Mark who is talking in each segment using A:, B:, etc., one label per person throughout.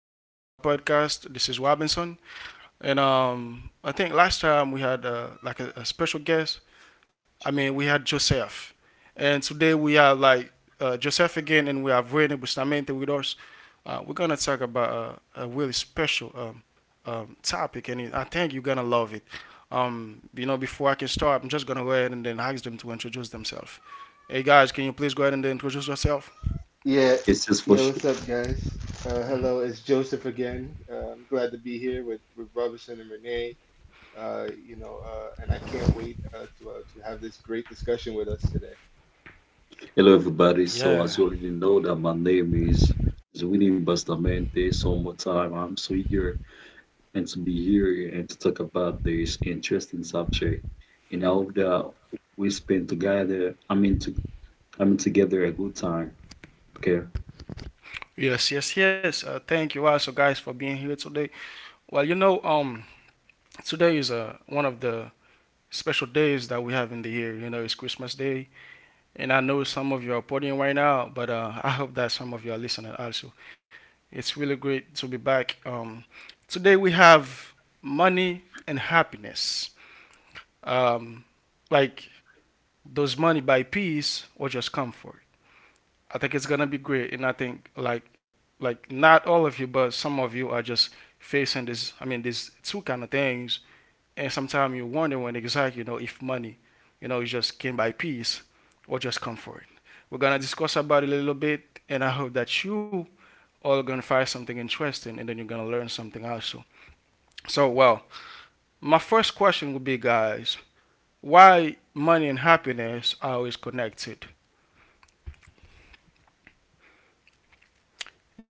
A: welcome back to my podcast. This is Robinson, and I think last time we had like a special guest. I mean, we had Joseph, and today we have like Joseph again, and we have Rene Bustamante with us. We're gonna talk about a really special topic, and I think you're gonna love it. Before I can start, I'm just gonna go ahead and then ask them to introduce themselves. Hey guys, can you please go ahead and then introduce yourself?
B: It's just for sure.
A: Hmm.
B: Hello, everybody. So, as
A: Yeah.
B: you already know, that my name is Winnie Bastamente. So, one more time, I'm so eager and to be here and to talk about this interesting subject. And I hope that we spend together. I mean together a good time. Okay.
A: Yes, yes, yes. Thank you also, guys, for being here today. Well, today is one of the special days that we have in the year. It's Christmas Day, and I know some of you are partying right now, but I hope that some of you are listening also. It's really great to be back. Today we have money and happiness. Um, like, does money buy peace or just comfort? I think it's gonna be great, and I think like not all of you, but some of you are just facing this. I mean, these two kind of things, and sometimes you wonder when exactly you know if money, it just came by peace or just comfort. We're gonna discuss about it a little bit, and I hope that you all are gonna find something interesting, and then you're gonna learn something also. So, well, my first question would be, guys, why money and happiness are always connected?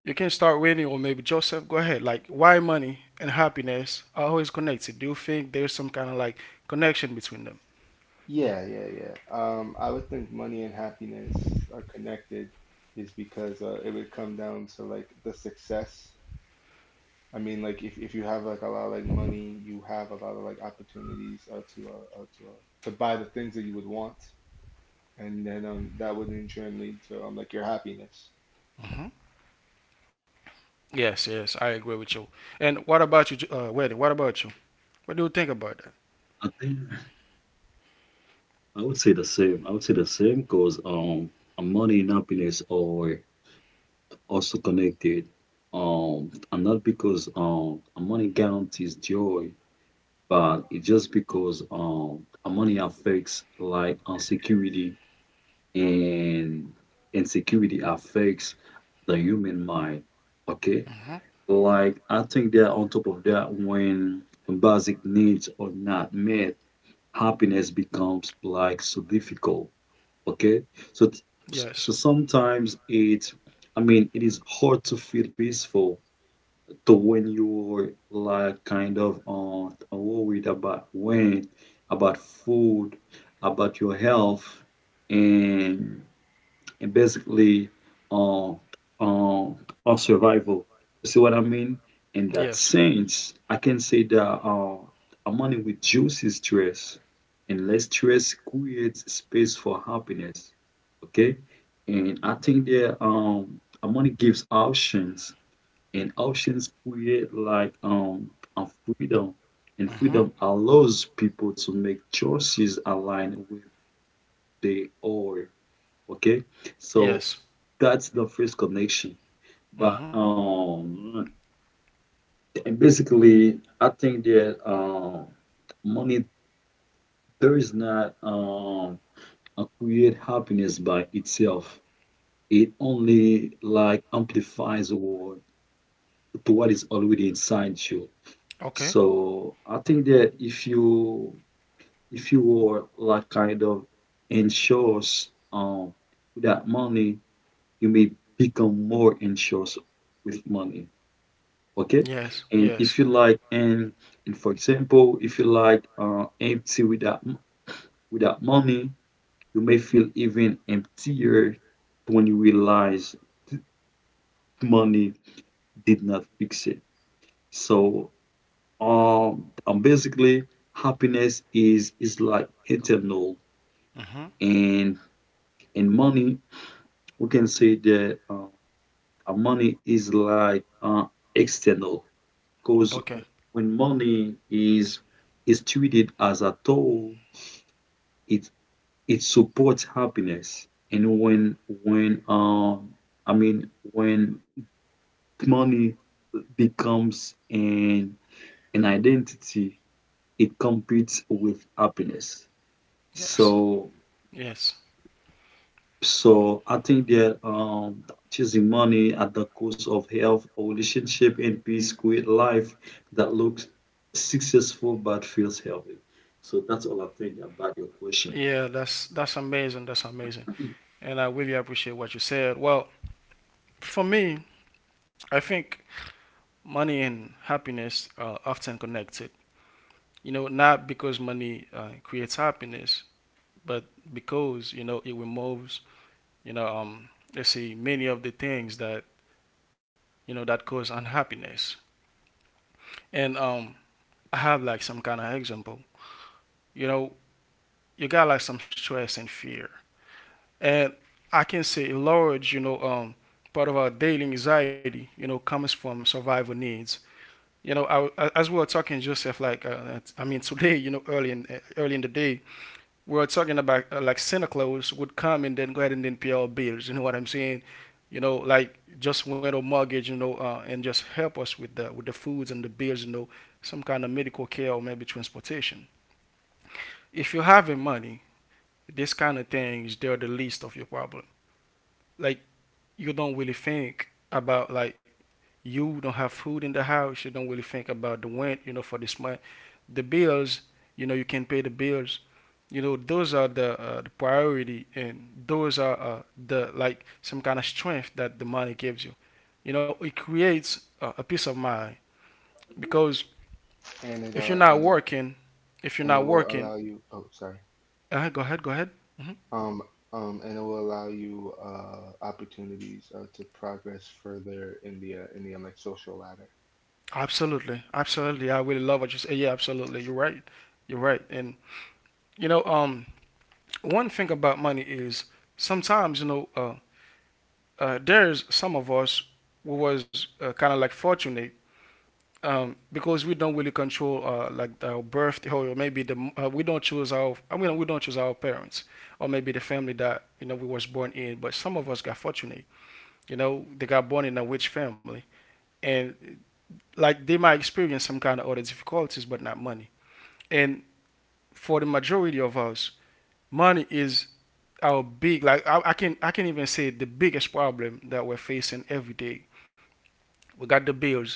A: You can start with anyone, maybe Joseph. Go ahead. Like, why money and happiness are always connected? Do you think there's some kind of like connection between them? Mhm. Yes, yes, I agree with you. And what about you, Wedding? What about you? What do you think about that?
B: I think I would say the same. I would say the same because money and happiness are also connected. And not because money guarantees joy but it's just because money affects like insecurity and insecurity affects the human mind. Okay.
A: Mhm.
B: Like I think that on top of that, when basic needs are not met, happiness becomes like so difficult. Okay. So
A: Yes,
B: so sometimes it I mean it is hard to feel peaceful so when you're like kind of worried about rent, about food, about your health, and basically uh, uh, our survival. You see what I mean? In that
A: yes.
B: sense, I can say that our money reduces stress, and less stress creates space for happiness. Okay, and I think that our money gives options and options create like a freedom, and
A: Mm-hmm.
B: freedom allows people to make choices aligned with their own. Okay, so
A: Yes.
B: that's the first connection. But
A: Mhm.
B: and basically, I think that money does not create happiness by itself. It only like amplifies what to what is already inside you.
A: Okay.
B: So I think that if you were like kind of anxious without money, you may become more anxious with money. Okay?
A: Yes,
B: And
A: yes.
B: if you like and for example, if you like empty without money, you may feel even emptier when you realize money did not fix it. So and basically, happiness is like eternal,
A: Mhm.
B: and money we can say that money is like external, because
A: Okay.
B: when money is treated as a tool, it it supports happiness, and when I mean when money becomes an identity, it competes with happiness.
A: Yes,
B: So,
A: yes.
B: so I think that choosing money at the cost of health or relationship and peace create life that looks successful but feels healthy. So that's all I think about your question.
A: Yeah, that's amazing. That's amazing, and I really appreciate what you said. Well, for me, I think money and happiness are often connected. Not because money creates happiness, but because it removes you know um let's see many of the things that that cause unhappiness. And I have like some kind of example. You know, you got like some stress and fear, and I can say a large part of our daily anxiety comes from survival needs, you know, I, as we were talking, Joseph, like I mean, today, early in the day, we are talking about like Santa Claus would come and then go ahead and then pay our bills. You know what I'm saying? Like just went on mortgage, and just help us with the foods and the bills, some kind of medical care or maybe transportation. If you're having money, this kind of things they're the least of your problem. Like you don't really think about like you don't have food in the house, you don't really think about the rent, for this month, the bills, you can pay the bills. Those are the priority, and those are the like some kind of strength that the money gives you. It creates a peace of mind because if you're not working, if you're not working, go ahead, go ahead. Hmm. Absolutely, absolutely. I really love what you say. Yeah, absolutely. You're right. You're right. And you know, um, one thing about money is sometimes there's some of us who was kind of like fortunate, because we don't really control like our birth or maybe the we don't choose our I mean, we don't choose our parents or maybe the family that we was born in, but some of us got fortunate. They got born in a rich family, and like they might experience some kind of other difficulties, but not money. And for the majority of us, money is our big, like I can even say the biggest problem that we're facing every day. We got the bills,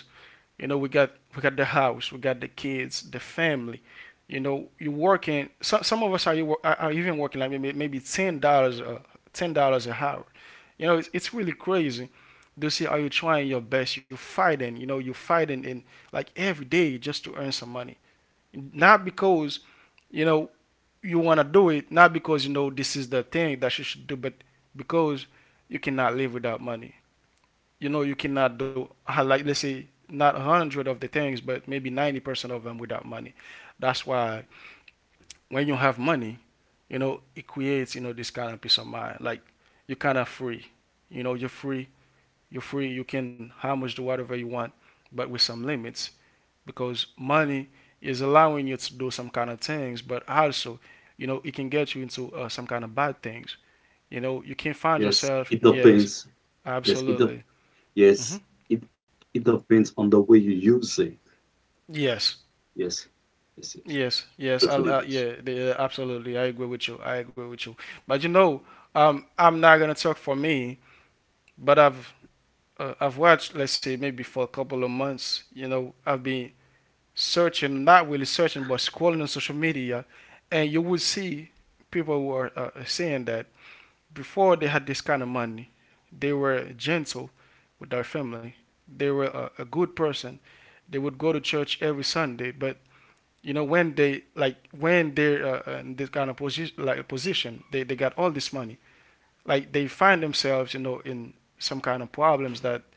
A: you know, we got we got the house, we got the kids, the family. You're working. Some of us are, you are even working like maybe $10 an hour. It's really crazy to see how you trying your best. You're fighting. You're fighting in like every day just to earn some money. Not because you know you want to do it, not because this is the thing that you should do, but because you cannot live without money. You cannot do like let's say not 100 of the things, but maybe 90% of them without money. That's why when you have money, it creates this kind of peace of mind. Like you're kind of free. You're free. You're free. You can how much do whatever you want, but with some limits because money is allowing you to do some kind of things, but also, it can get you into some kind of bad things. You can find
B: Yes,
A: yourself.
B: it
A: Yes,
B: depends. Yes, it depends.
A: absolutely. Hmm.
B: Yes, it it depends on the way you use it.
A: Yes,
B: Yes, yes, yes.
A: yes, yes.
B: That's what it is.
A: Yeah, absolutely. I agree with you. I agree with you. But I'm not gonna talk for me, but I've watched, let's say, maybe for a couple of months. I've been searching, not really searching, but scrolling on social media, and you will see people who are saying that before they had this kind of money, they were gentle with their family. They were a good person. They would go to church every Sunday, but when they like when they're in this kind of position, they got all this money. Like they find themselves, in some kind of problems that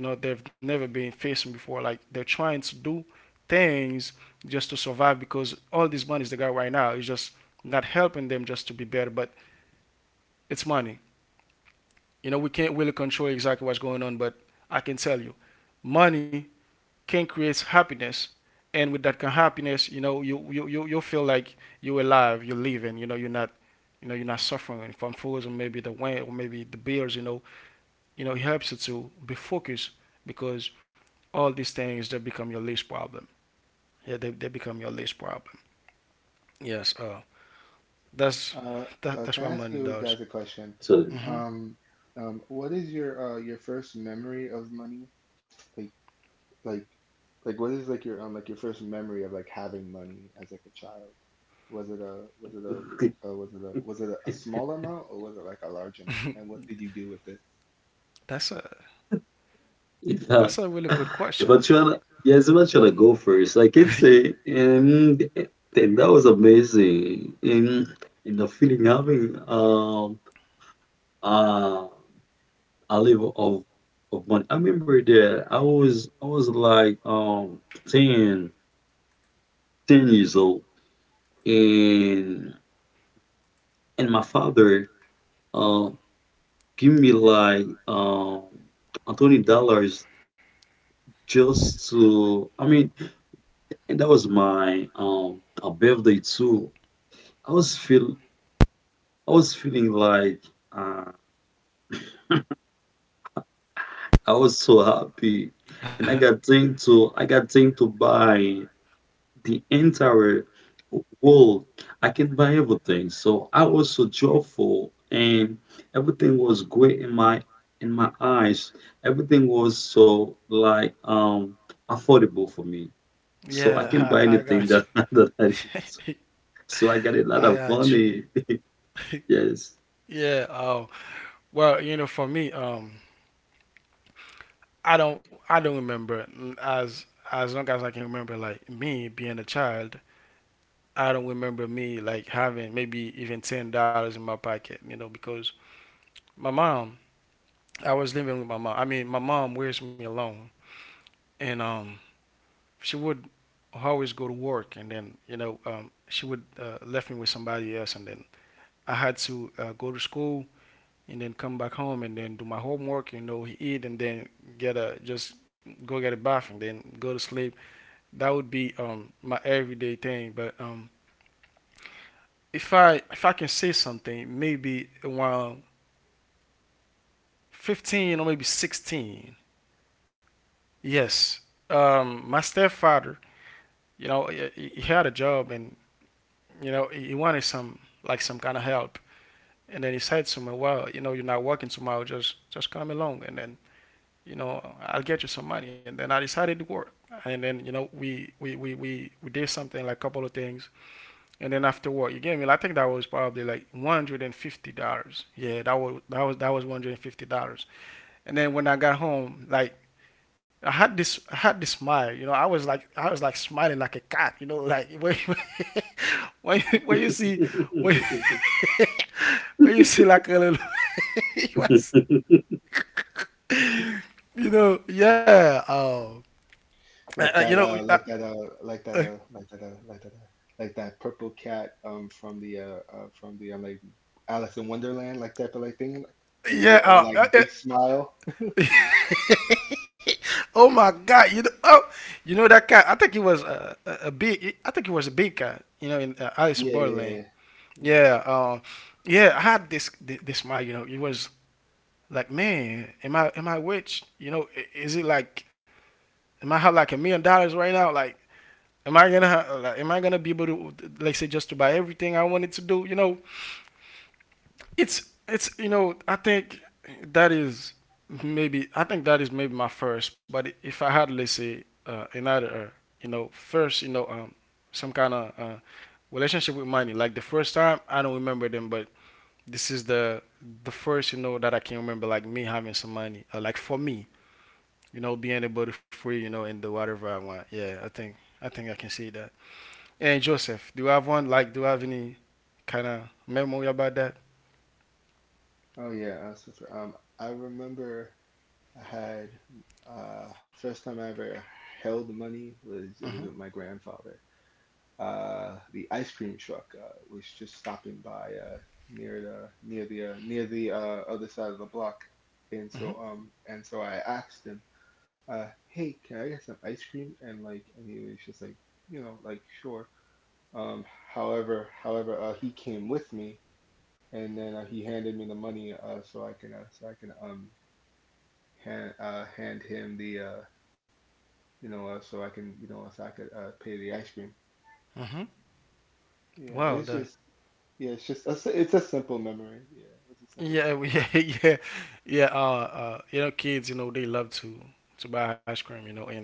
A: they've never been facing before, like they're trying to do things just to survive, because all these monies they got right now is just not helping them just to be better, but it's money. We can't really control exactly what's going on, but I can tell you money can create happiness, and with that kind of happiness, you feel like you're alive, you're living. You're not you're not suffering from fools or maybe the wind or maybe the bills, helps you to be focused because all these things they become your least problem. Yeah, they become your least problem. Yes, that's that's what money does.
B: So
A: Mm-hmm. that's a
B: if
A: that's a
B: uh,
A: really good
B: if
A: question.
B: I try to yes, if I try to go first, I can say and that was amazing. And the feeling having uh a level of money. I remember that I was like 10 10 years old, and my father um. give me like $20 just to I mean and that was my birthday too. I was feel I was feeling like uh, I was so happy and I got thing to buy the entire world. I can buy everything. So I was so joyful and everything was great in my eyes. Everything was so like affordable for me. So I can
A: Yeah,
B: buy
A: I
B: anything
A: got
B: that that I need.
A: you.
B: So I got a lot
A: I
B: of
A: got you.
B: money. Yes.
A: Yeah. Oh, well, for me, I don't remember as long as I can remember, like me being a child, I don't remember me like having maybe even $10 in my pocket, because my mom, I was living with my mom. I mean, my mom raised me alone, and she would always go to work, and then she would left me with somebody else, and then I had to go to school and then come back home and then do my homework, eat and then get a just go get a bath and then go to sleep. That would be my everyday thing, but if I can say something, maybe while 15 or maybe 16. Yes. My stepfather, he had a job, and, he wanted some, like some kind of help. And then he said to me, well, you're not working tomorrow. Just come along. And then, I'll get you some money. And then I decided to work. And then, we did something, like a couple of things. And then after work, you gave me, I think that was probably like $150. Yeah, that was $150. And then when I got home, like I had this smile. I was like smiling like a cat, you know, like when when you see when you, when you see like a little it was you know, yeah, you know, uh, yeah, uh, oh my god, you know. Oh, you know that cat, I think it was a big, I think it was a big cat, you know, in Alice in Borderland. Yeah, yeah. I had this mind, you know. It was like, man, am I rich? You know, is it like, am I have like $1 million right now? Like, am I gonna ha- like, am I gonna be able to, like, say, just to buy everything I wanted to do? You know, it's you know, I think that is maybe I think that is maybe my first. But if I had, let's say, another, you know, first, you know, some kind of relationship with money, like the first time, I don't remember them, but this is the first, you know, that I can remember, like me having some money, or like for me, you know, being able to free, you know, and do whatever I want. Yeah, I think I think I can see that. And Joseph, do you have one? Like, do you have any kind of memory about that? Mm-hmm. Mm-hmm. Mm-hmm. Wow. The yeah yeah. Yeah. Yeah, you know, kids, you know, they love to buy ice cream, you know, and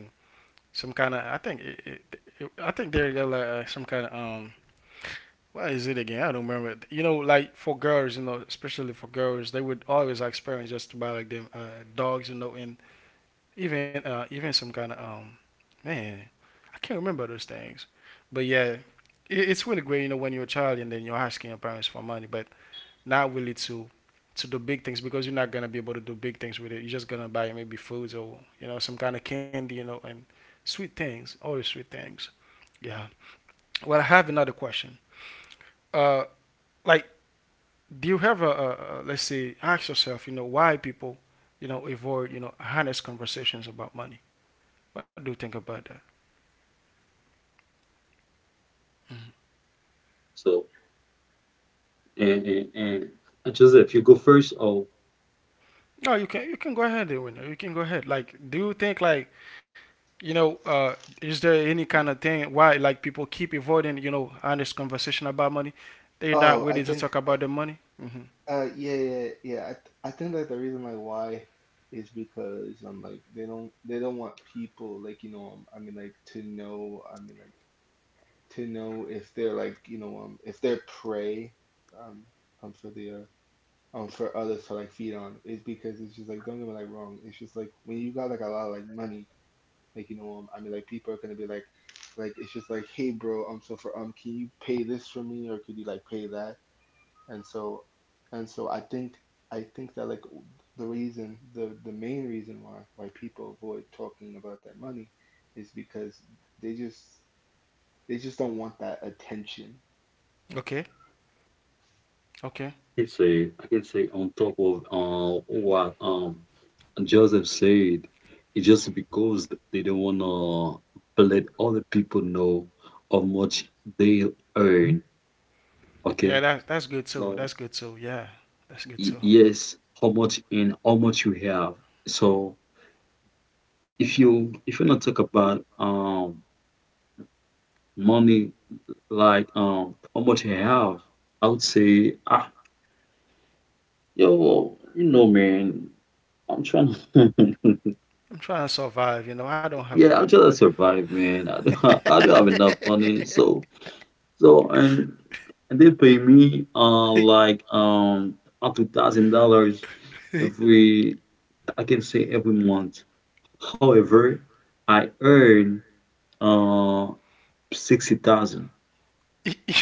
A: some kind of, I think I think they're like some kind of um, what is it again? I don't remember. You know, like for girls, you know, especially for girls, they would always like parents just to buy like them dogs, you know, and even even some kind of man, I can't remember those things. But yeah, it's really great, you know, when you're a child and then you're asking your parents for money, but not really to do big things because you're not gonna be able to do big things with it. You're just gonna buy maybe foods, or you know, some kind of candy, you know, and sweet things, always sweet things. Yeah. Well, I have another question. Uh, like, do you have a, let's say, ask yourself, you know, why people, you know, avoid, you know, honest conversations about money? What do you think about that? Mm-hmm.
B: So and and, and and Joseph, you go first or
A: No, you can, you can go ahead, and you can go ahead. Like, do you think like, you know, is there any kind of thing why like people keep avoiding, you know, honest conversation about money? They're not willing to talk about the money. Mm-hmm. Okay. Okay.
B: I can say on top of what and Joseph said, it's just because they don't want to let other people know how much they earn.
A: Yeah,
B: Okay.
A: that's good too.
B: So
A: That's good too. Yeah, that's good too.
B: yes, how much and how much you have. So if you not talk about money like how much you have, I would say ah yo you know man I'm trying to
A: I'm trying to survive, you know, I don't have
B: yeah I'm
A: money,
B: trying to survive man I don't I don't have enough
A: man.
B: money so So and they pay me like up to $1,000 every I can say every month. However, I earn uh sixty thousand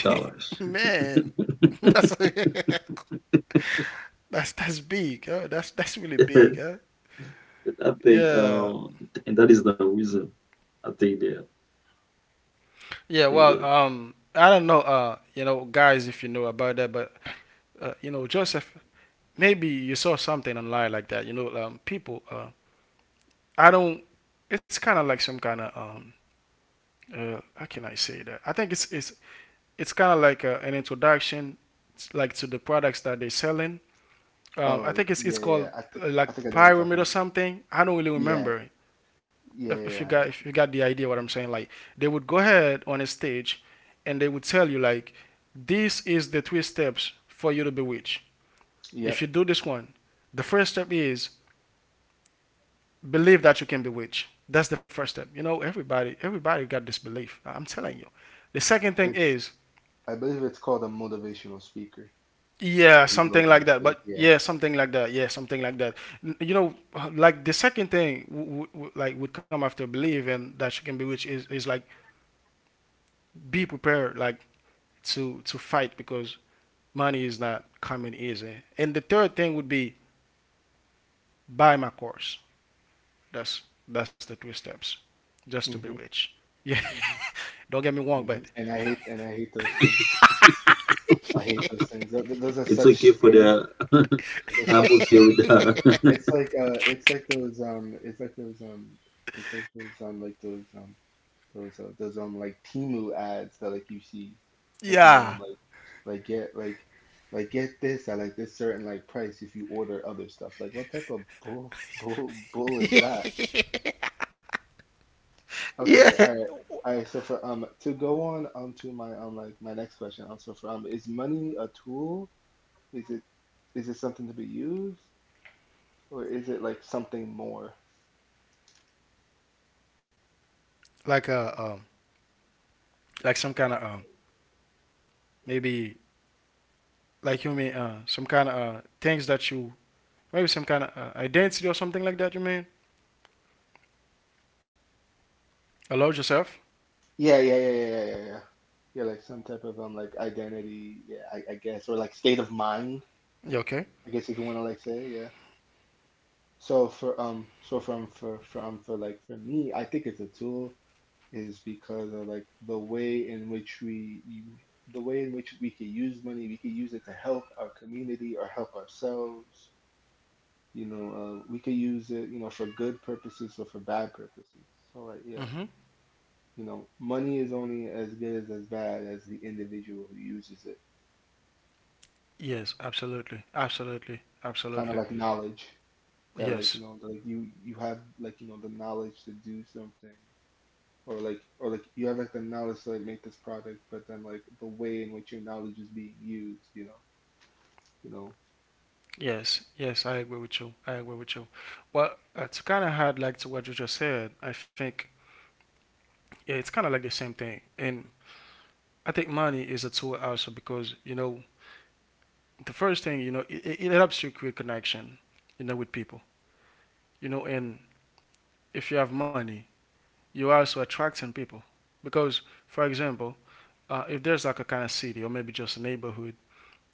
B: dollars.
A: Man, that's that's big. Huh? That's really big. Huh?
B: I think
A: Yeah.
B: and that is the reason. I
A: Yeah.
B: think
A: Well,
B: that
A: I don't know. You know, guys, if you know about that, but you know, Joseph, maybe you saw something online like that. You know, people. I don't. It's kind of like some kind of how can I say that? I think it's it's kind of like an introduction, like to the products that they're selling, I think it's called like pyramid or something. I don't really remember. If you got, if you got the idea what I'm saying, like they would go ahead on a stage, and they would tell you like, this is the three steps for you to bewitch. If you do this one, the first step is believe that you can bewitch. That's the first step. You know, everybody got this belief. I'm telling you. The second thing is, yeah, something like that. But yeah, something like that. Yeah, something like that. You know, like the second thing like would come after believe and that you can be rich is like be prepared, like to fight, because money is not coming easy. And the third thing would be buy my course. That's the three steps just to be rich. Yeah. Don't get me wrong, but
B: it's okay for the I'm okay with that.
A: yeah. Yeah. Like a um, like some kind of um, maybe like you mean, some kind of things that you, maybe some kind of identity or something like that. You mean allow yourself. You okay? Mm-hmm. Yes, absolutely, absolutely, absolutely. Yes, yes, yes. I agree with you. I agree with you. Well, to kind of add like to what you just said, I think yeah, it's kind of like the same thing. And I think money is a tool also, because you know, the first thing, you know, it it helps you create connection, you know, with people. You know, and if you have money, you're also attracting people. Because, for example, if there's like a kind of city or maybe just a neighborhood,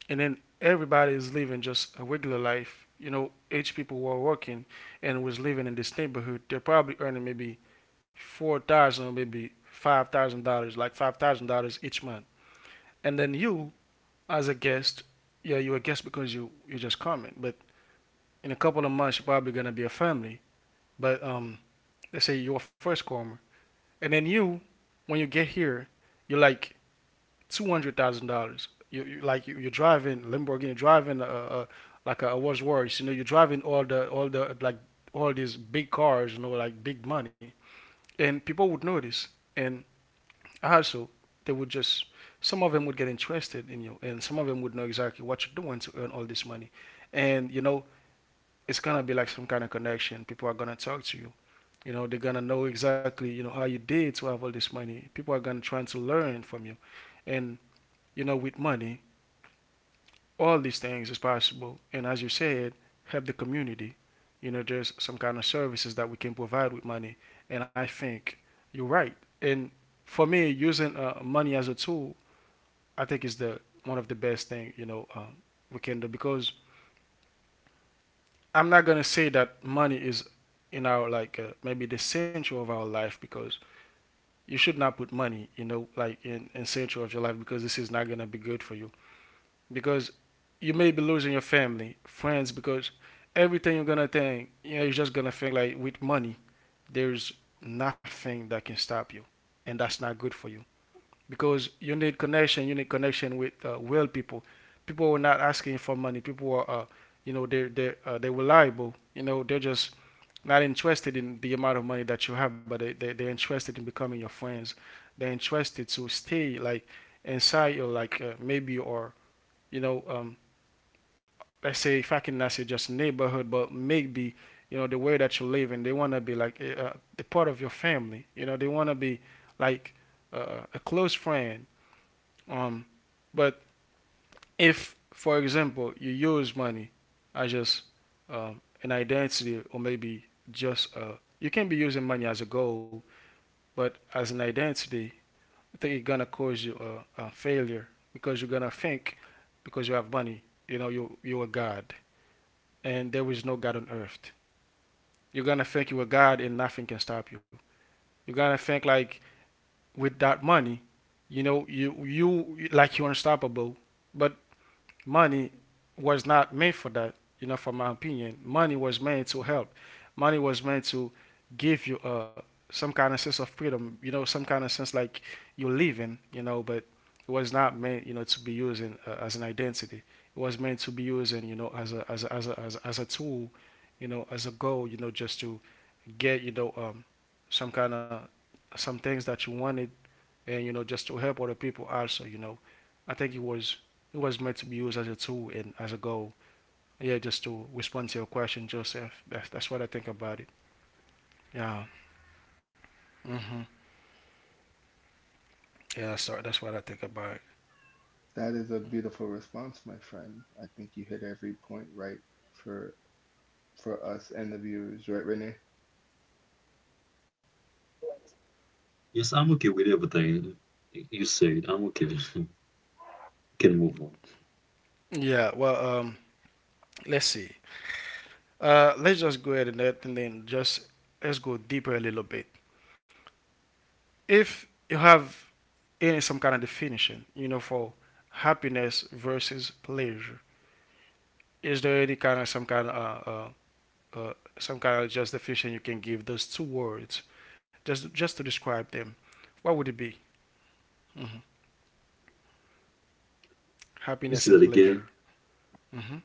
A: and then everybody is living just a regular life, you know, each people who are working and was living in this neighborhood, they're probably earning maybe $4,000 or maybe $5,000, like $5,000 each month. And then you, as a guest, yeah, you're a guest because you're just coming. But in a couple of months, you're probably gonna be a family. But let's say you're a first comer, and then you, when you get here, you're like $200,000. You you're driving Lamborghini, you're driving a like a Rolls-Royce. You know, you're driving all the like all these big cars. You know, like big money, and people would notice, and also they would just, some of them would get interested in you, and some of them would know exactly what you're doing to earn all this money, and you know it's gonna be like some kind of connection. People are gonna talk to you, you know, they're gonna know exactly, you know, how you did to have all this money. People are gonna trying to learn from you. And, you know, with money, all these things is possible. And as you said, help the community. You know, there's some kind of services that we can provide with money. And I think you're right. And for me, using money as a tool, I think is the one of the best thing, you know, we can do, because I'm not gonna say that money is in our like maybe the center of our life, because you should not put money, you know, like in central of your life, because this is not gonna be good for you. Because you may be losing your family, friends, because everything you're gonna think, you know, you're just gonna think like with money, there's nothing that can stop you, and that's not good for you, because you need connection. You need connection with real people. People are not asking for money. People are, you know, they are they're reliable. You know, they're just not interested in the amount of money that you have, but they're interested in becoming your friends. They're interested to stay like inside your like maybe, or you know let's say, if I can not say just neighborhood, but maybe you know the way that you live in. They want to be like eh, the part of your family. You know, they want to be like a close friend. Um, but if, for example, you use money as just an identity, or maybe just a, you can be using money as a goal, but as an identity, I think it's gonna cause you a failure, because you're gonna think because you have money, you know, you are God, and there is no God on earth. You're gonna think you are God, and nothing can stop you. You're gonna think like with that money, you know, you like you're unstoppable. But money was not made for that. You know, from my opinion, money was meant to help. Money was meant to give you some kind of sense of freedom. You know, some kind of sense like you're living. You know, but it was not meant, you know, to be used in, as an identity. It was meant to be used in, you know, as a tool. You know, as a goal. You know, just to get, you know, some kind of some things that you wanted, and you know, just to help other people also, you know, I think it was meant to be used as a tool and as a goal. Yeah, just to respond to your question, Joseph, that's what I think about it. Yeah. Mm-hmm. Yeah that's what I think about
B: yes, I'm okay with everything you said. I'm okay. Can move on.
A: it yeah well let's see. Let's just go ahead and, let, and then just let's go deeper a little bit. If you have any some kind of definition, for happiness versus pleasure, is there any kind of some kind of uh, uh some kind of justification you can give those two words, just to describe them, what would it be? Mhm.
B: Can you
A: Happiness
B: say that
A: and
B: again.
A: pleasure. Mhm.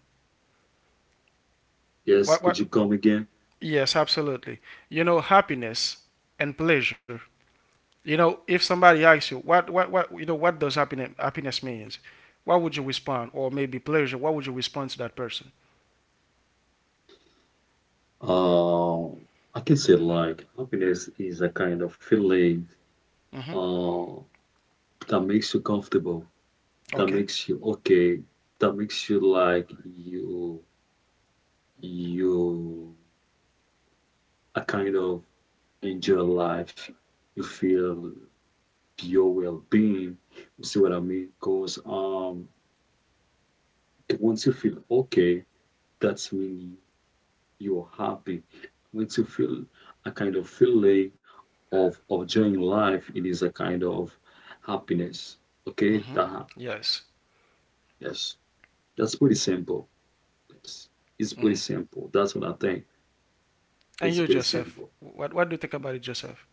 B: Yes,
A: What
B: could
A: what?
B: you come again?
A: Yes, absolutely. You know, happiness and pleasure. You know, if somebody asks you what you know what does happiness means, what would you respond? Or maybe pleasure. What would you respond to that person?
B: Uh, I can say like happiness is a kind of feeling
A: Mhm.
B: uh, that makes you comfortable, that
A: Okay.
B: makes you okay, that makes you you a kind of enjoy life. You feel your well-being. You see what I mean? Because once you feel okay, that's mean you're happy. When you feel a kind of feeling of enjoying life, it is a kind of happiness. Okay,
A: Mhm.
B: that
A: Yes.
B: yes, that's pretty simple. Yes, it's pretty
A: Mhm.
B: simple. That's what I think.
A: And
B: It's
A: you,
B: pretty
A: Joseph,
B: simple,
A: what do you think about it, Joseph?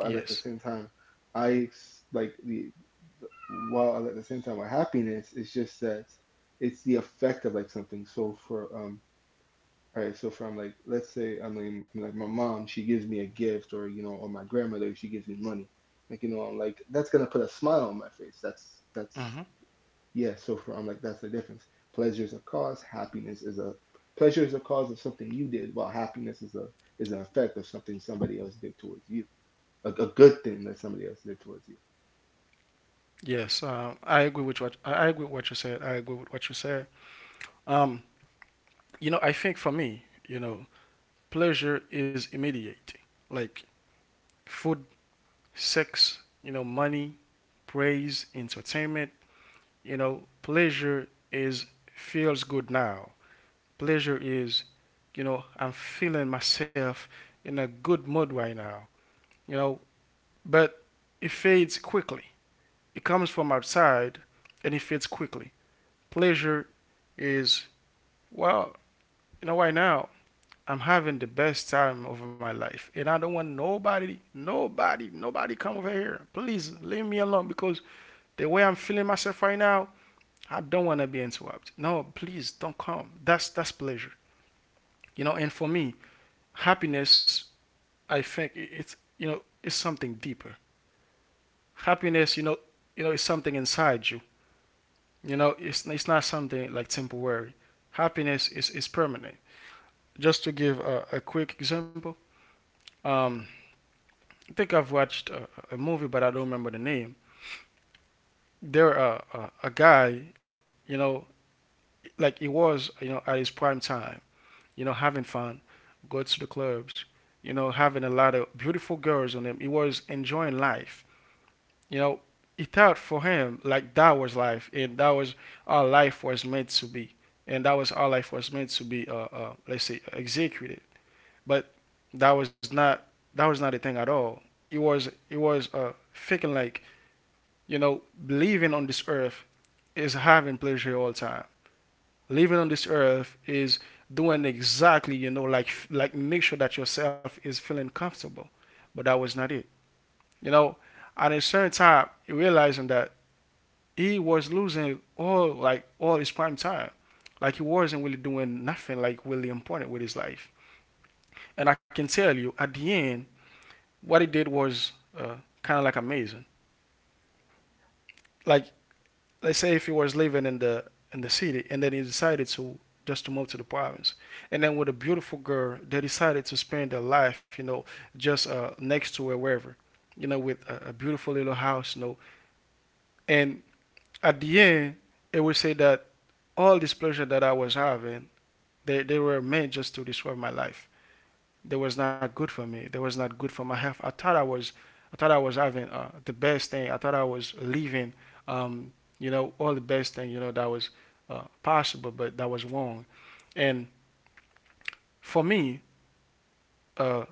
A: Yes. Mhm. Yes, I agree with what I agree with what you said. I agree with what you said. Um, you know, I think for me, you know, pleasure is immediate, like food, sex, you know, money, praise, entertainment. You know, pleasure is feels good now. Pleasure is, you know, I'm feeling myself in a good mood right now. You know, but it fades quickly. It comes from outside, and it fades quickly. Pleasure is, well, you know, right now, I'm having the best time of my life. And I don't want nobody, nobody, nobody come over here. Please leave me alone because the way I'm feeling myself right now, I don't want to be interrupted. No, please don't come. That's pleasure. You know, and for me, happiness, I think it's something deeper. Happiness, you know, it's something inside you. You know, it's not something like temporary. Happiness is permanent. Just to give a quick example, um, I think I've watched a movie, but I don't remember the name. There, a guy, you know, like he was, you know, at his prime time, you know, having fun, go to the clubs, you know, having a lot of beautiful girls on him. He was enjoying life. You know, he thought for him like that was life, and that was all life was meant to be, and that was all life was meant to be. Let's say executed, but that was not that was not a thing at all. It was thinking like, you know, living on this earth is having pleasure all time. Living on this earth is doing exactly, you know, like make sure that yourself is feeling comfortable. But that was not it. You know, at a certain time, you realizing that he was losing all like all his prime time. Like he wasn't really doing nothing like really important with his life. And I can tell you, at the end, what he did was uh, kind of like amazing. Like let's say if he was living in the city and then he decided to just to move to the province, and then with a beautiful girl they decided to spend their life, you know, just next to her wherever, you know, with a beautiful little house, you know, and at the end it would say that all this pleasure that I was having, they were meant just to destroy my life. That was not good for me. That was not good for my health. I thought I was having the best thing. I thought I was living, um, you know, all the best thing, you know, that was possible, but that was wrong. And for me, uh,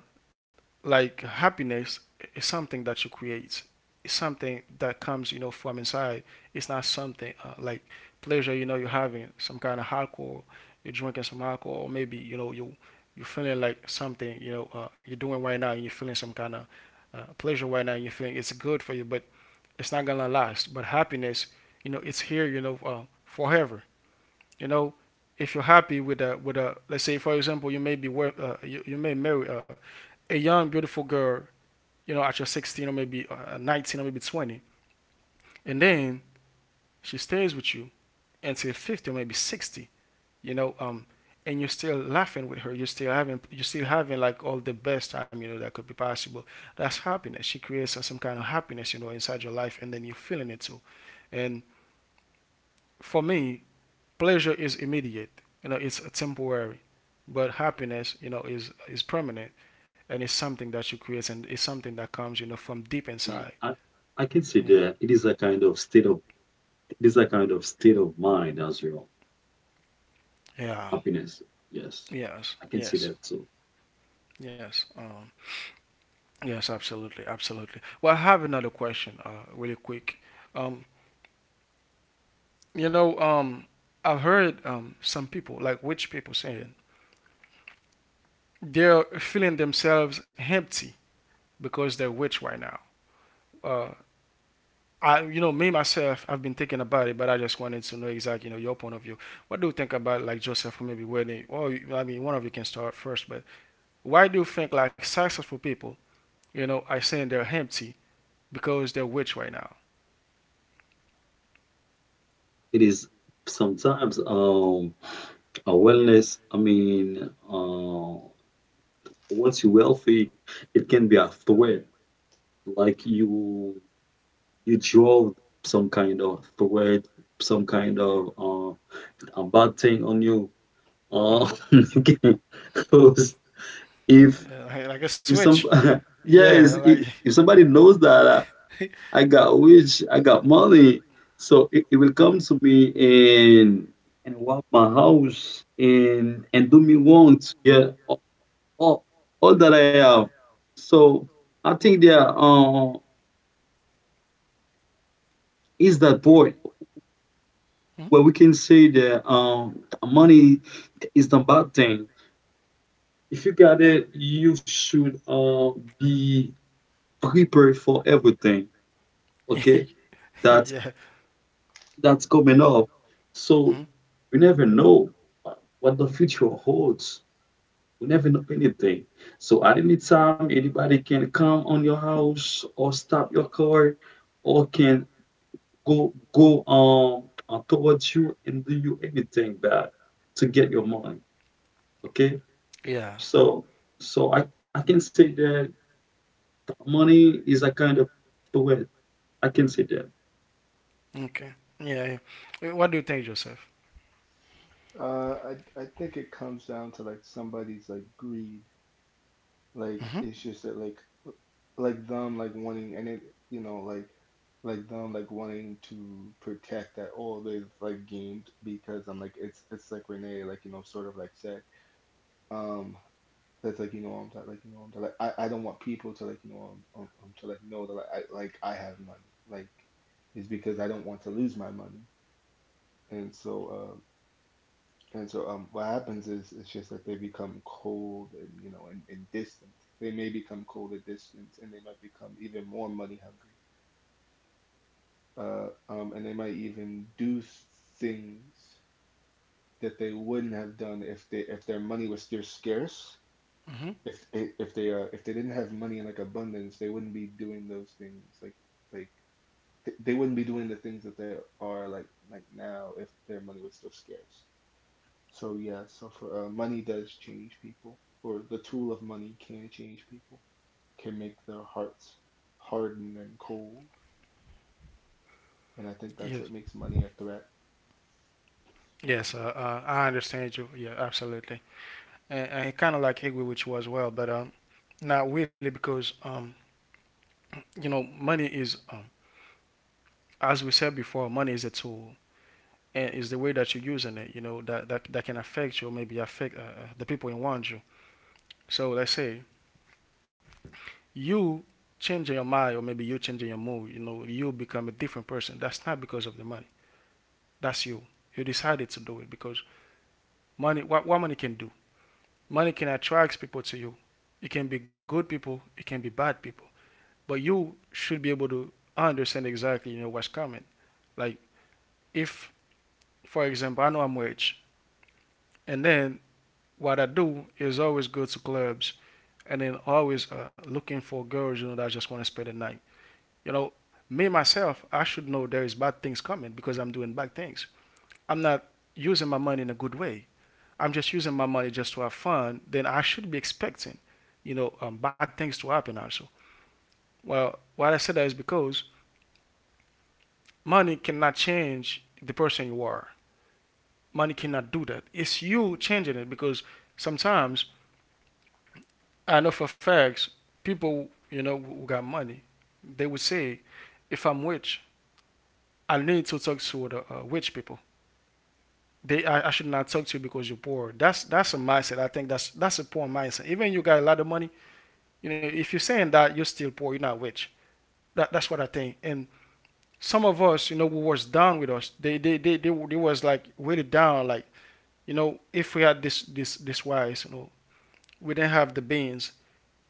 A: like happiness is something that you create, it's something that comes, you know, from inside. It's not something like pleasure, you know. You're having some kind of alcohol, you're drinking some alcohol, or maybe, you know, you you're feeling like something, you know, you're doing right now and you're feeling some kind of pleasure right now and you're feeling it's good for you, but it's not gonna last. But happiness, you know, it's here, you know, forever. You know, if you're happy with a let's say for example, you may be you may marry a young beautiful girl, you know, at your 16 or maybe 19 or maybe 20, and then she stays with you until 50 or maybe 60, you know. And you're still laughing with her, you're still having like all the best time, you know, that could be possible. That's happiness. She creates some kind of happiness, you know, inside your life, and then you're feeling it too. And for me, pleasure is immediate, you know, it's temporary. But happiness, you know, is permanent. And it's something that you create, and it's something that comes, you know, from deep
B: and
A: inside.
B: I can say
A: Yeah,
B: that it is a kind of state of it is a kind of state of mind as well.
A: yeah.
B: Happiness, yes,
A: Yes,
B: I can see
A: yes,
B: that too.
A: yes. Yes absolutely, absolutely. Well, I have another question really quick. um you know um I've heard some people like rich people saying they're feeling themselves empty because they're rich right now. uh I, you know, me myself, I've been thinking about it, but I just wanted to know exactly, you know, your point of view. What do you think about, like, Joseph or maybe Whitney? Well, I mean, one of you can start first, but why do you think like successful people, you know, are saying they're empty because they're rich right now?
B: It is sometimes a wellness. Once you're wealthy, it can be a threat. Like you you drove some kind of threat, some kind of a bad thing on you.
A: Hmm.
B: Because if
A: Yeah, like a
B: if some
A: switch. Yeah,
B: yes,
A: like.
B: if somebody knows that I got rich, I got money, so it will come to me and rob my house and do me wrong. Yeah, all, all that I have. So I think there is that point
A: Hmm?
B: where we can say that money is the bad thing. If you got it, you should be prepared for everything. Okay, that
A: Yeah.
B: that's coming up. So
A: Hmm.
B: we never know what the future holds. We never know anything. So at any time, anybody can come on your house or stop your car or can go towards you and do you anything bad to get your money. Okay,
A: Yeah.
B: so so i I can say that money is a kind of poet. I can say that.
A: Okay. Yeah, yeah. What do you think, Joseph? Mm-hmm. Mm-hmm. Yeah. Yes, I understand you. Yeah, absolutely. And he kind of like Higwe, which was well, but not really because you know, money is, as we said before, money is a tool and is the way that you're using it. You know that that can affect you, or maybe affect the people around you. So let's say you changing your mind, or maybe you changing your mood. You know, you become a different person. That's not because of the money. That's you. You decided to do it because money. What money can do? Money can attract people to you. It can be good people, it can be bad people. But you should be able to understand exactly, you know, what's coming. Like if for example I know I'm rich, and then what I do is always go to clubs and then always looking for girls, you know, that just want to spend the night. You know, me myself, I should know there is bad things coming because I'm doing bad things. I'm not using my money in a good way. I'm just using my money just to have fun. Then I should be expecting, you know, bad things to happen also. Well, what I said that is because money cannot change the person you are. Money cannot do that. It's you changing it because sometimes I know for facts people, you know, who got money, they would say if I'm rich I need to talk to the rich people. I should not talk to you because you're poor. That's a mindset. I think that's a poor mindset. Even you got a lot of money, you know, if you're saying that you're still poor, you're not rich. That's what I think. And some of us, you know, who was down with us, they was like really down, like, you know, if we had this wise, you know, we didn't have the beans,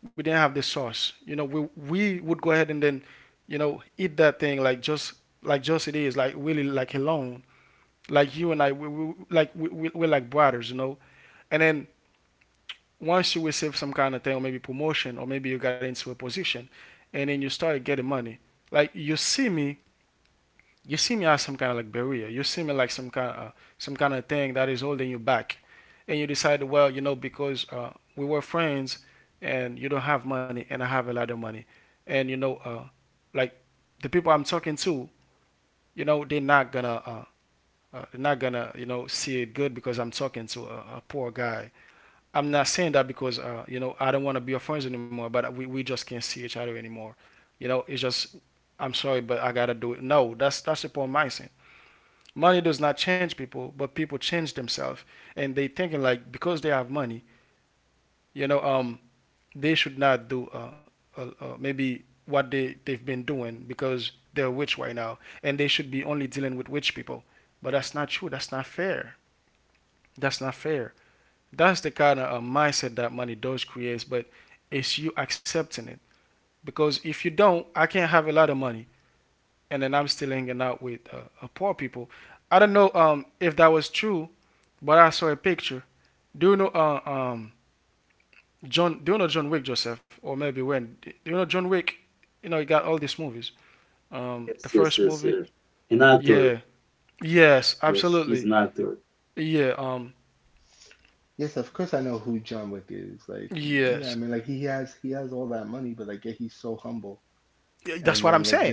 A: we didn't have the sauce, you know, we would go ahead and then, you know, eat that thing like just it is, like really like alone, like you and I, we're like brothers, you know, and then once you receive some kind of thing or maybe promotion or maybe you got into a position and then you started getting money, like you see me as some kind of like barrier. You see me like some kind of thing that is holding you back, and you decide, well, you know, because we were friends, and you don't have money, and I have a lot of money, and you know, like the people I'm talking to, you know, they're not gonna, you know, see it good because I'm talking to a poor guy. I'm not saying that because, you know, I don't want to be your friends anymore. But we just can't see each other anymore. You know, it's just I'm sorry, but I gotta do it. No, that's the poor mindset. Money does not change people, but people change themselves, and they thinking like because they have money, you know, um, they should not do maybe what they've been doing because they're rich right now, and they should be only dealing with rich people. But that's not true. That's not fair. That's not fair. That's the kind of mindset that money does create, but it's you accepting it. Because if you don't, I can't have a lot of money, and then I'm still hanging out with poor people. I don't know, if that was true. But I saw a picture. Do you know John? Do you know John Wick, Joseph? Or maybe when? Do you know John Wick? You know he got all these movies. The
B: Yes, yes,
A: first
B: yes,
A: movie.
B: yes. An actor.
A: Yeah. Yes.
B: Yes, he's
A: Absolutely.
B: an actor.
A: Yeah. Yes. Yeah, that's what I'm saying.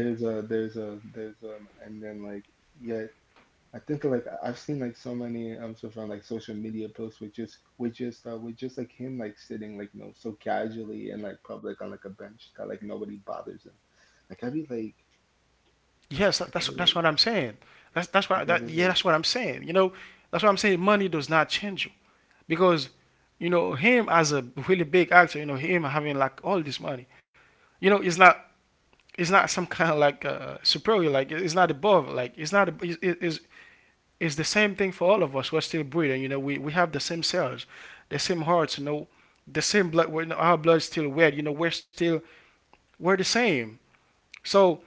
A: Yes. That's what I'm saying. That's what that Yeah. That's what I'm saying. You know. That's what I'm saying. Money does not change you because you know him as a really big actor. You know him having like all this money. You know it's not, it's not some kind of like superior, like it's not above, like it's not ab- it's, it's the same thing for all of us. We're still breathing, you know, we have the same cells, the same hearts, you know, the same blood. Our blood's still red, you know. We're still, we're the same. So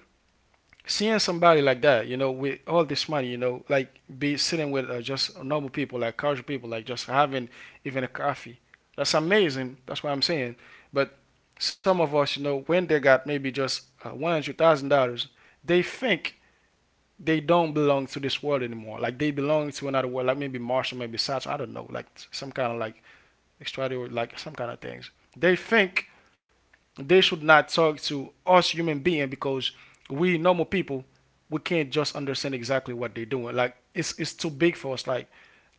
A: seeing somebody like that, you know, with all this money, you know, like be sitting with just normal people, like casual people, like just having even a coffee. That's amazing. That's what I'm saying. But some of us, you know, when they got maybe just $100,000, they think they don't belong to this world anymore. Like they belong to another world, like maybe Martian, maybe Saturn. I don't know, like some kind of like extraterrestrial, like some kind of things. They think they should not talk to us human being because we normal people, we can't just understand exactly what they're doing. Like it's too big for us. Like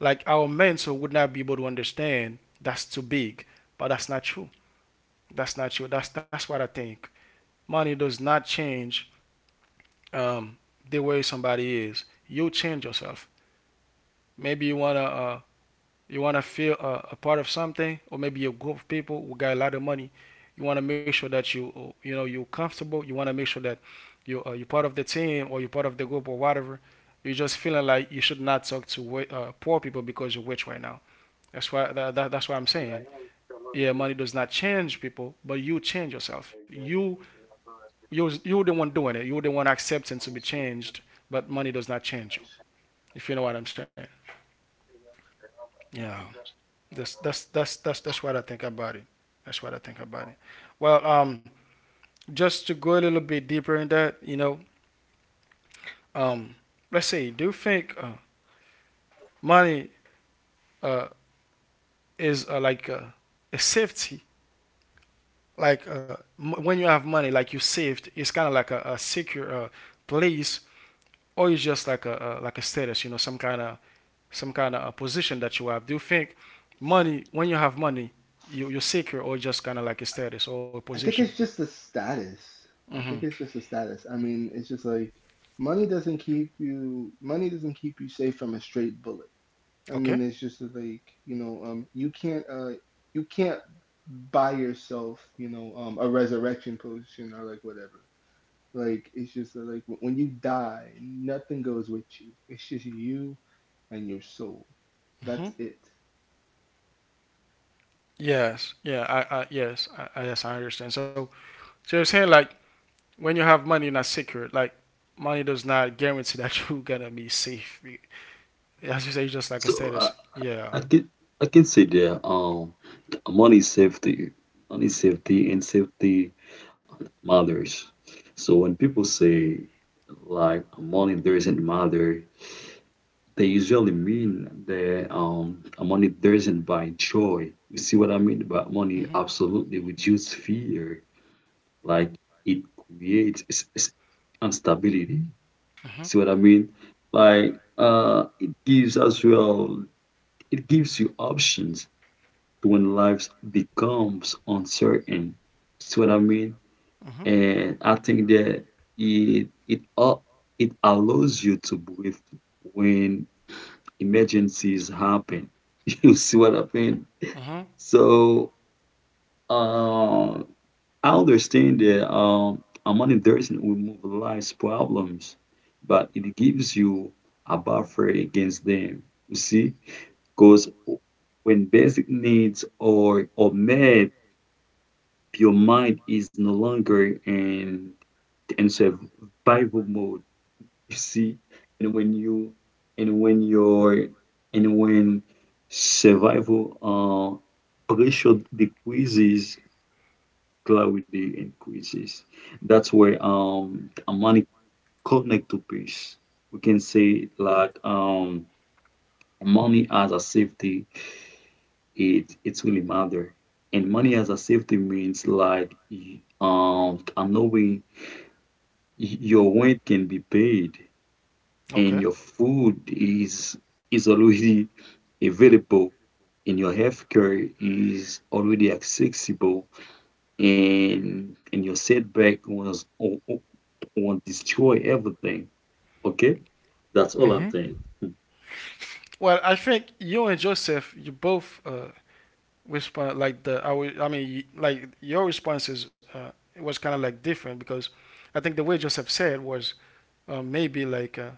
A: like our mental would not be able to understand. That's too big. But that's not true. That's not true. That's what I think. Money does not change, um, the way somebody is. You change yourself. Maybe you wanna you want to feel a part of something, or maybe a group of people who got a lot of money. You want to make sure that you you know, you're comfortable. You want to make sure that you you're part of the team, or you're part of the group, or whatever. You're just feeling like you should not talk to poor people because you're rich right now. That's why that's what I'm saying. Yeah, money does not change people, but you change yourself. You You're the one doing it, you're the one accepting to be changed, but money does not change you, if you know what I'm saying. Yeah. That's what I think about it. That's what I think about it. Well, just to go a little bit deeper in that, you know, um, let's say, do you think money uh, is like a safety? Like when you have money, like you saved, it's kind of like a secure place, or it's just like a like a status, you know, some kind of, some kind of a position that you have. Do you think money, when you have money, you're secure, or just kind of like a status or a position? Mm-hmm. Okay. Hmm. Yes. Yeah. I yes. Yes, I understand. So, so you're saying like when you have money, you're not secure. Like money does not guarantee that you're gonna be safe. As you say, it's just like a
B: So
A: status. Yeah.
B: I can I can say that money is safety. Money is safety, and safety matters. So when people say like money doesn't matter, they usually mean that money doesn't buy joy. You see what I mean? But money
A: Mhm.
B: absolutely reduces fear. Like it creates instability.
A: Mhm.
B: See what I mean? Like it gives as well. It gives you options to when life becomes uncertain. See what I mean?
A: Mhm.
B: And I think that it it all it allows you to breathe when emergencies happen. You see what I mean?
A: Mhm.
B: So uh, I understand that money doesn't remove life's problems, but it gives you a buffer against them. You see, because when basic needs are met, your mind is no longer in survival mode. You see, and when you and when your and when survival pressure decreases, clarity increases. That's where money connect to peace. We can say like money as a safety, it it's really matter. And money
A: Mhm.
B: as a safety means like knowing your rent can be paid, and your
A: Okay.
B: food is already available, and your healthcare is already accessible, and your setback won't destroy everything. Okay, that's all I
A: Mhm.
B: think.
A: Well, I think you and Joseph, you both respond like the I mean, like your responses it was kind of like different, because I think the way Joseph said was maybe like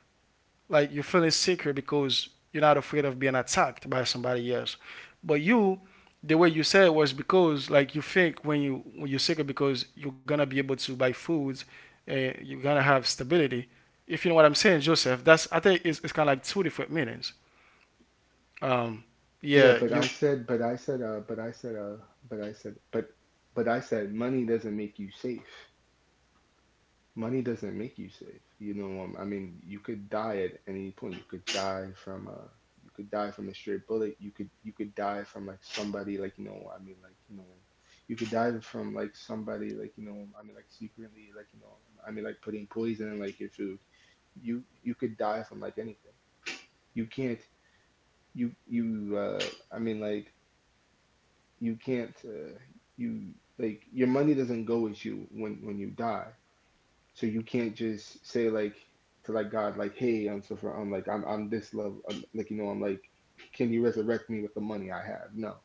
A: like you're feeling secure because you're not afraid of being attacked by somebody else. But you, the way you said it was because like you think when you when you're secure because you're gonna be able to buy foods and you're gonna have stability. If you know what I'm saying, Joseph, that's, I think it's kind of like two different meanings. Um,
C: Yeah,
A: yeah,
C: but I
A: you
C: said, but I said, but I said, but I said, but, but I said, money doesn't make you safe. Money doesn't make you safe. I mean, you could die at any point. You could die from you could die from a straight bullet. You could die from like somebody like, you know, I mean, like, you know, you could die from like somebody like, I mean, like secretly, I mean, like putting poison in like your food. You could die from like anything. You can't, you, I mean, like. You can't you like your money doesn't go with you when you die, so you can't just say like to like God like, hey, I'm this level. Like you know I'm like, can you resurrect me with the money I have? No.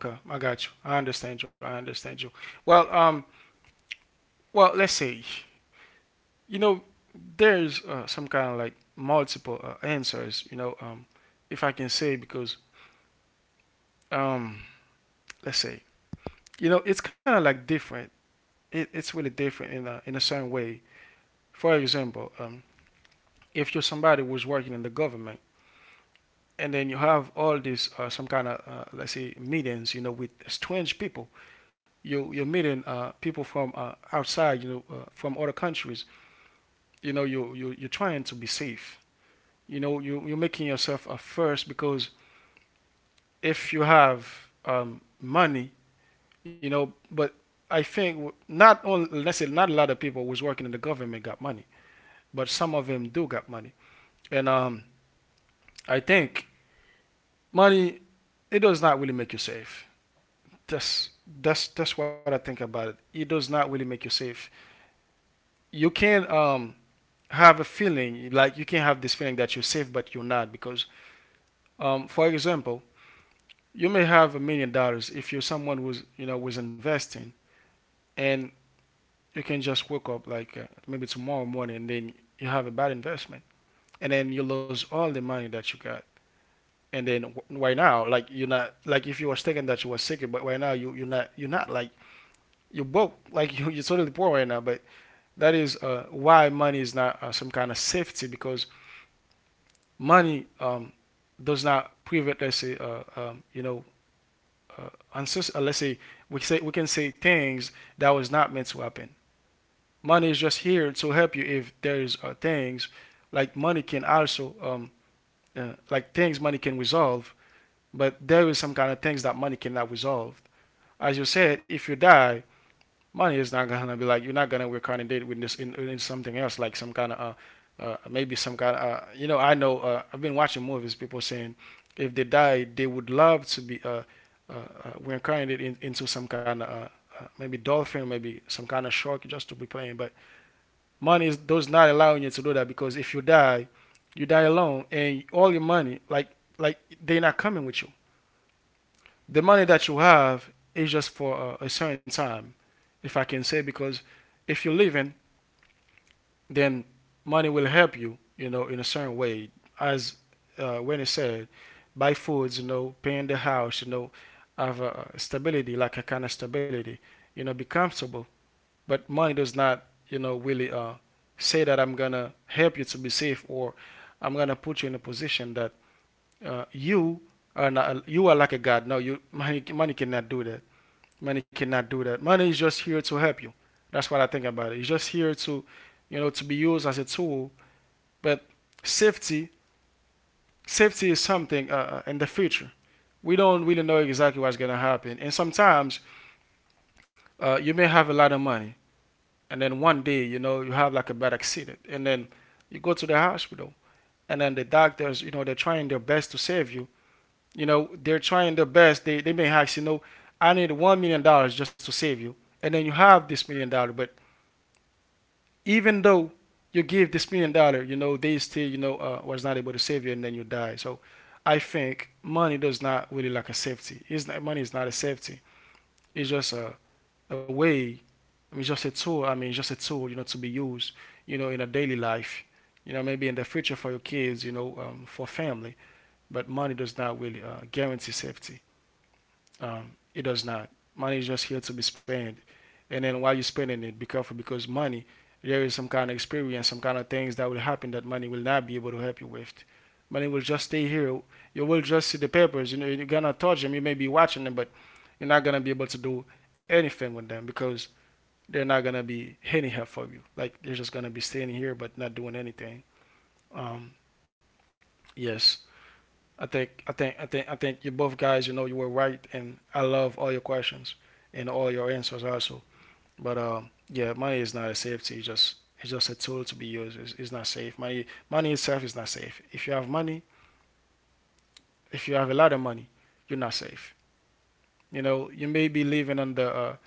A: okay? I got you. I understand you. I understand you. Well, well, let's say, you know, there's some kind of like multiple answers. You know, if I can say because um, let's say, you know, it's kind of like different. It's really different in a certain way. For example, if you're somebody who's working in the government, and then you have all these some kind of let's say meetings, you know, with strange people. You're meeting people from outside, you know, from other countries. You know, you you're trying to be safe. You know, you're making yourself a first because if you have money, you know. But I think, not only let's say not a lot of people who was working in the government got money, but some of them do got money, and I think money, it does not really make you safe. That's, that's what I think about it. It does not really make you safe. You can have a feeling like you can have this feeling that you're safe, but you're not because, for example, you may have $1 million if you're someone who's, you know, was investing, and you can just wake up like maybe tomorrow morning, and then you have a bad investment, and then you lose all the money that you got, and then right now like you're not, like if you were thinking that you were sick, but right now you, you're not, you're not like, you're broke. Like you, you're totally poor right now, but that is why money is not some kind of safety. Because money, does not prevent, let's say, you know, uh, let's say, we say, we can say things that was not meant to happen. Money is just here to help you if there is things, like money can also like things money can resolve, but there is some kind of things that money cannot resolve. As you said, if you die, money is not gonna be like, you're not gonna reincarnate with this in something else, like some kind of maybe some kind of you know, I know, I've been watching movies, people saying if they die, they would love to be uh, reincarnated in, into some kind of maybe dolphin, maybe some kind of shark, just to be playing. But money does not allow you to do that, because if you die, you die alone, and all your money, like they're not coming with you. The money that you have is just for a certain time, if I can say, because if you're living, then money will help you, you know, in a certain way. As when it said, buy foods, you know, paying the house, you know, have a stability, like a kind of stability, you know, be comfortable. But money does not, you know, really say that, I'm gonna help you to be safe, or I'm gonna put you in a position that you are not, you are like a god. No, you, money cannot do that. Money cannot do that. Money is just here to help you. That's what I think about it. It's just here to, you know, to be used as a tool. But safety, safety is something in the future, we don't really know exactly what's going to happen. And sometimes you may have a lot of money, and then one day you know, you have like a bad accident, and then you go to the hospital, and then the doctors, you know, they're trying their best to save you. You know, they're trying their best. They may ask, you know, I need $1 million just to save you. And then you have this $1 million, but even though you give this $1 million, you know, they still, you know, was not able to save you, and then you die. So I think money does not really like a safety. It's not, money is not a safety. It's just a way. I mean, just a tool. I mean, just a tool, you know, to be used, you know, in a daily life, you know, maybe in the future for your kids, you know, for family. But money does not really guarantee safety. It does not. Money is just here to be spent. And then while you're spending it, be careful because money, there is some kind of experience, some kind of things that will happen that money will not be able to help you with. Money will just stay here. You will just see the papers. You know, you're gonna touch them. You may be watching them, but you're not gonna be able to do anything with them because they're not gonna be any help for you. Like they're just gonna be standing here but not doing anything. Um, yes, I think you both guys, you know, you were right, and I love all your questions and all your answers also. But yeah, money is not a safety. It's just a tool to be used. It's not safe. Money itself is not safe. If you have money, if you have a lot of money, you're not safe. You know, you may be living under a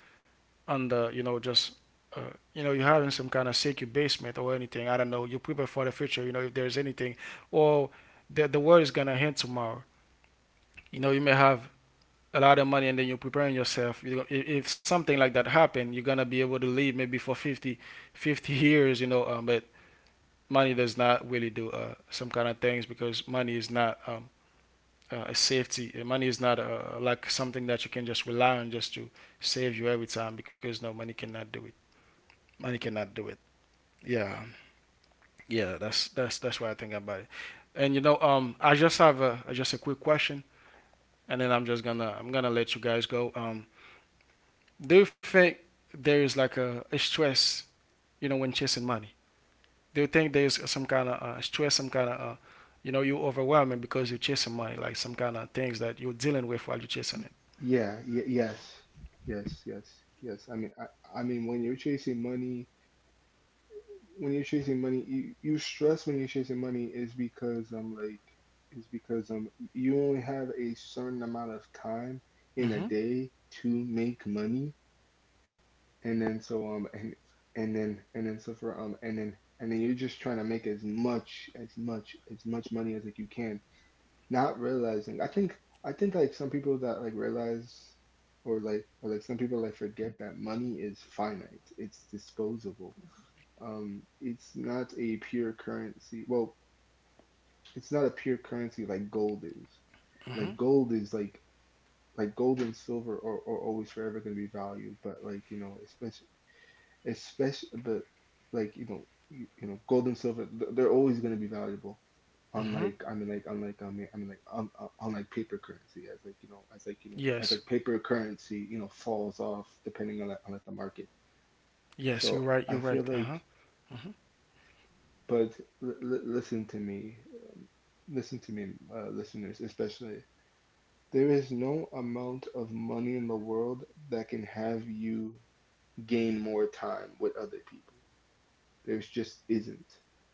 A: and you know just you know you're having some kind of secure basement or anything, I don't know, you prepare for the future, you know, if there's anything, or the world is gonna end tomorrow. You know, you may have a lot of money and then you're preparing yourself, you know, if something like that happen, you're gonna be able to live maybe for 50, 50 years, you know, but money does not really do some kind of things because money is not a safety. Money is not like something that you can just rely on just to save you every time, because no, money cannot do it. Money cannot do it. Yeah, yeah. That's what I think about it. And you know, I just have a just a quick question, and then I'm gonna let you guys go. Do you think there is like a stress, you know, when chasing money? Do you think there is some kind of stress, some kind of, you know, you overwhelming because you're chasing money, like some kind of things that you're dealing with while you're chasing it?
C: yeah y- yes yes yes yes, I mean I mean when you're chasing money, you stress when you're chasing money is because like is because you only have a certain amount of time in a
A: Mm-hmm.
C: day to make money, and then so um and and then so for and then you're just trying to make as much money as like you can, not realizing. I think like some people that like realize or like some people like forget that money is finite, it's disposable. It's not a pure currency. Well, it's not a pure currency like gold is.
A: Mm-hmm.
C: Like gold is like like gold and silver are always forever going to be valued, but like you know, especially especially but like you know you know gold and silver they're always going to be valuable.
A: Mm-hmm.
C: Unlike I mean like unlike I mean unlike paper currency, as like you know as
A: Yes.
C: like paper currency you know falls off depending on on like the market.
A: Yes. You're
C: So
A: right. You're
C: I
A: right.
C: feel
A: Uh huh.
C: like,
A: Mm-hmm.
C: but listen to me. Listen to me, listeners, especially. There is no amount of money in the world that can have you gain more time with other people. There's just isn't.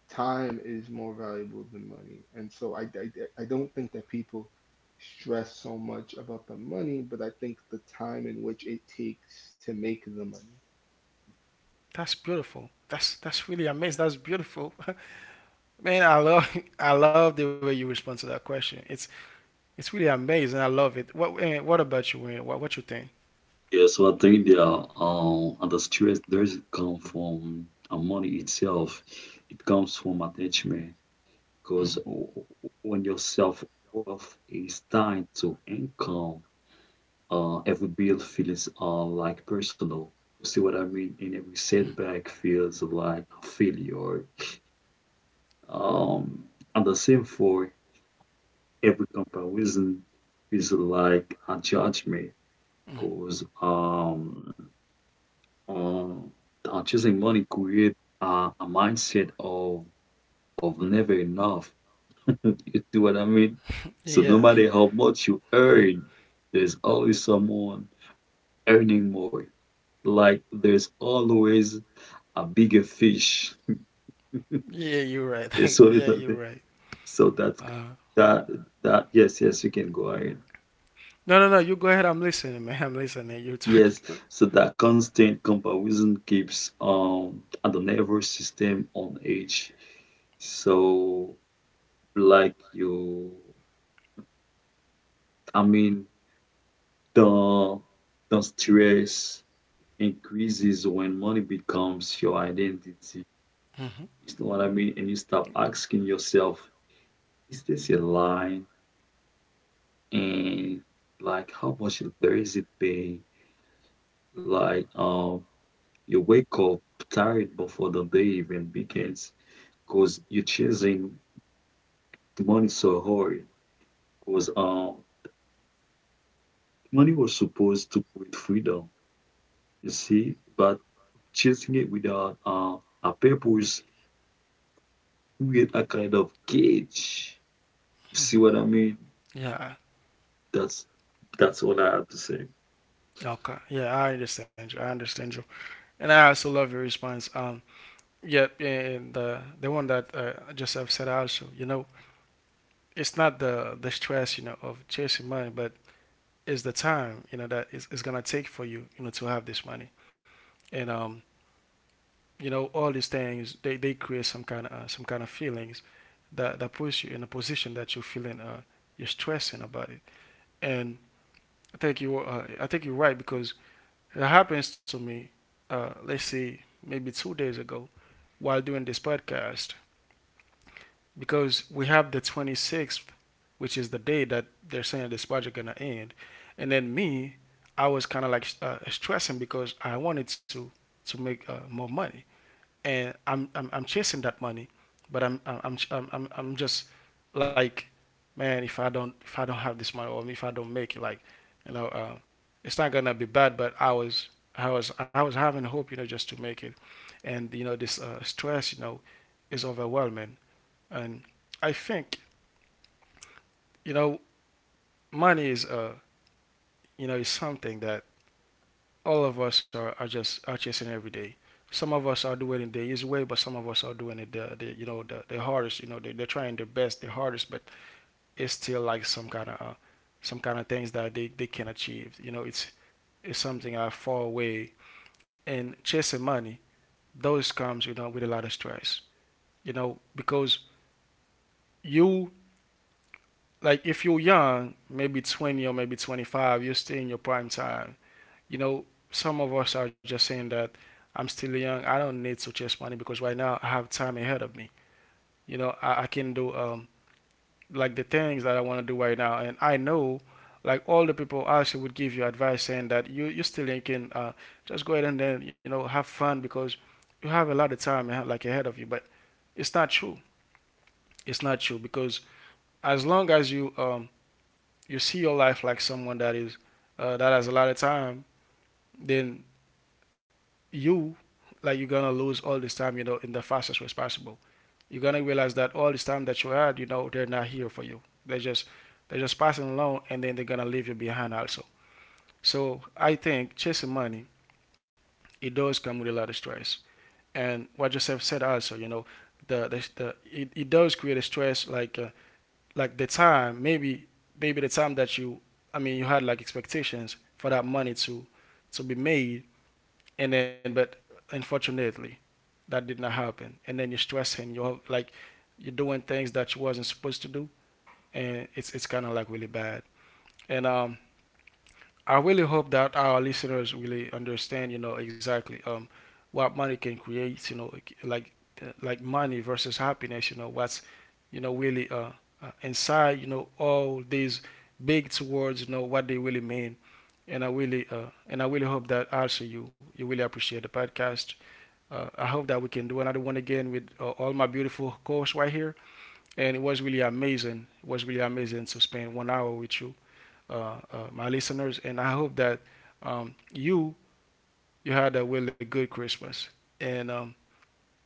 C: Time is more valuable than money. And so I don't think that people stress so much about the money, but I think the time in which it takes to make the money.
A: That's beautiful. That's really amazing. That's beautiful. Man, I love I love the way you respond to that question. It's really amazing. I love it. What what about you, Wayne? What you think?
B: Yeah, so I think there are and the stress doesn't come from money itself, it comes from attachment.
A: Hmm.
B: Because when your self worth is tied to income, every build feels like personal. You see what I mean? And every setback feels like a failure. Um, and the same for every comparison feels like a judgment,
A: Hmm.
B: because um, choosing money create a mindset of never enough. You see what I mean? So
A: Yeah.
B: no matter how much you earn, there's always someone earning more. Like there's always a bigger fish.
A: Yeah, you're right.
B: There's
A: Yeah,
B: always a
A: you're
B: big-
A: right.
B: so
A: Uh,
B: that that yes, yes, you can go ahead.
A: no, no, no. You go ahead. I'm listening, man. I'm listening. You're talking
B: Yes,
A: good.
B: so that constant comparison keeps the nervous system on edge. So like you, I mean the the stress increases when money becomes your identity.
A: Hmm.
B: You know what I mean? And you stop asking yourself is this a line? And like, how much there is it pay? Like, you wake up tired before the day even begins because you're chasing money so hard. Because money was supposed to create freedom, you see, but chasing it without a purpose create a kind of cage. See
A: Hmm.
B: what I mean?
A: Yeah.
B: That's that's all I have to say.
A: Okay. Yeah, I understand you. I understand you. And I also love your response. Yep, yeah, and the one that just have said also. You know, it's not the stress, you know, of chasing money, but is the time, you know, that is it's gonna take for you, you know, to have this money. And you know, all these things, they create some kind of feelings that that puts you in a position that you're feeling you're stressing about it. And I think you I think you're right because it happens to me, let's see, maybe two days ago, while doing this podcast, because we have the 26th, which is the day that they're saying this project gonna end, and then me, I was kind of like stressing because I wanted to make more money, and I'm chasing that money, but I'm just like, man, if I don't, if I don't have this money, or if I don't make it, like, you know, it's not gonna be bad. But I was having hope, you know, just to make it, and you know this stress, you know, is overwhelming. And I think, you know, money is you know, is something that all of us are just are chasing every day. Some of us are doing it the easy way, but some of us are doing it the, you know, the hardest. You know, they, they're trying their best, the hardest, but it's still like some kind of things that they can achieve. You know, it's something I far away and chasing money. Those comes, you know, with a lot of stress. You know, because you, like, if you're young, maybe 20 or maybe 25, you're still in your prime time. You know, some of us are just saying that I'm still young. I don't need to chase money because right now I have time ahead of me. You know, I can do like the things that I want to do right now, and I know like all the people actually would give you advice saying that you still young, can just go ahead and then you know have fun because you have a lot of time like ahead of you. But it's not true. It's not true because as long as you you see your life like someone that is that has a lot of time, then you, like, you're gonna lose all this time, you know, in the fastest way possible. You're gonna realize that all this time that you had, you know, they're not here for you. They're just passing along and then they're gonna leave you behind also. So I think chasing money, it does come with a lot of stress. And what Joseph said also, you know, the it, it does create a stress, like the time, maybe maybe the time that you, I mean, you had like expectations for that money to be made, and then but unfortunately that did not happen, and then you're stressing, you're like you're doing things that you wasn't supposed to do, and it's kind of like really bad. And I really hope that our listeners really understand, you know, exactly what money can create, you know, like money versus happiness, you know, what's, you know, really inside, you know, all these big two words, you know, what they really mean. And I really and I really hope that also you really appreciate the podcast. I hope that we can do another one again with all my beautiful co-hosts right here. And it was really amazing. It was really amazing to spend one hour with you, my listeners. And I hope that you you had a really good Christmas, and um,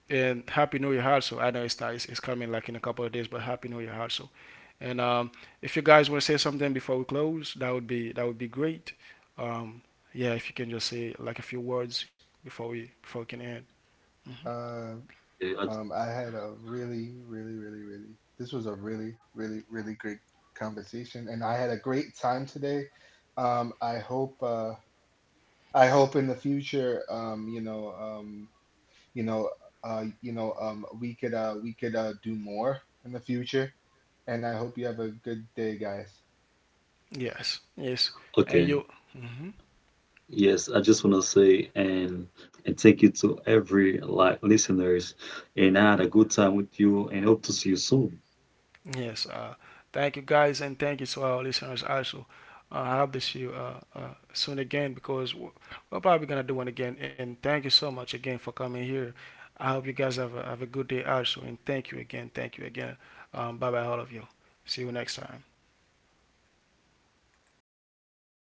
A: and Happy New Year also. I know it's not, it's coming like in a couple of days, but Happy New Year also. And if you guys want to say something before we close, that would be great. Um, yeah, if you can just say like a few words before we can end. Hmm.
C: Uh,
B: Yeah, I-
C: I had a really, really, really, really, this was a really, really, really great conversation, and I had a great time today. Um, I hope, uh, I hope in the future, you know, you know, you know, we could, do more in the future, and I hope you have a good day, guys.
A: Yes, yes, and you,
B: okay.
A: mhm,
B: Yes, I just want to say and thank you to every like listeners, and I had a good time with you and hope to see you soon.
A: yes. Thank you guys, and thank you to our listeners also. I hope to see you soon again, because we're probably gonna do one again. And thank you so much again for coming here. I hope you guys have a good day also, and thank you again, thank you again. Bye bye, all of you. See you next time.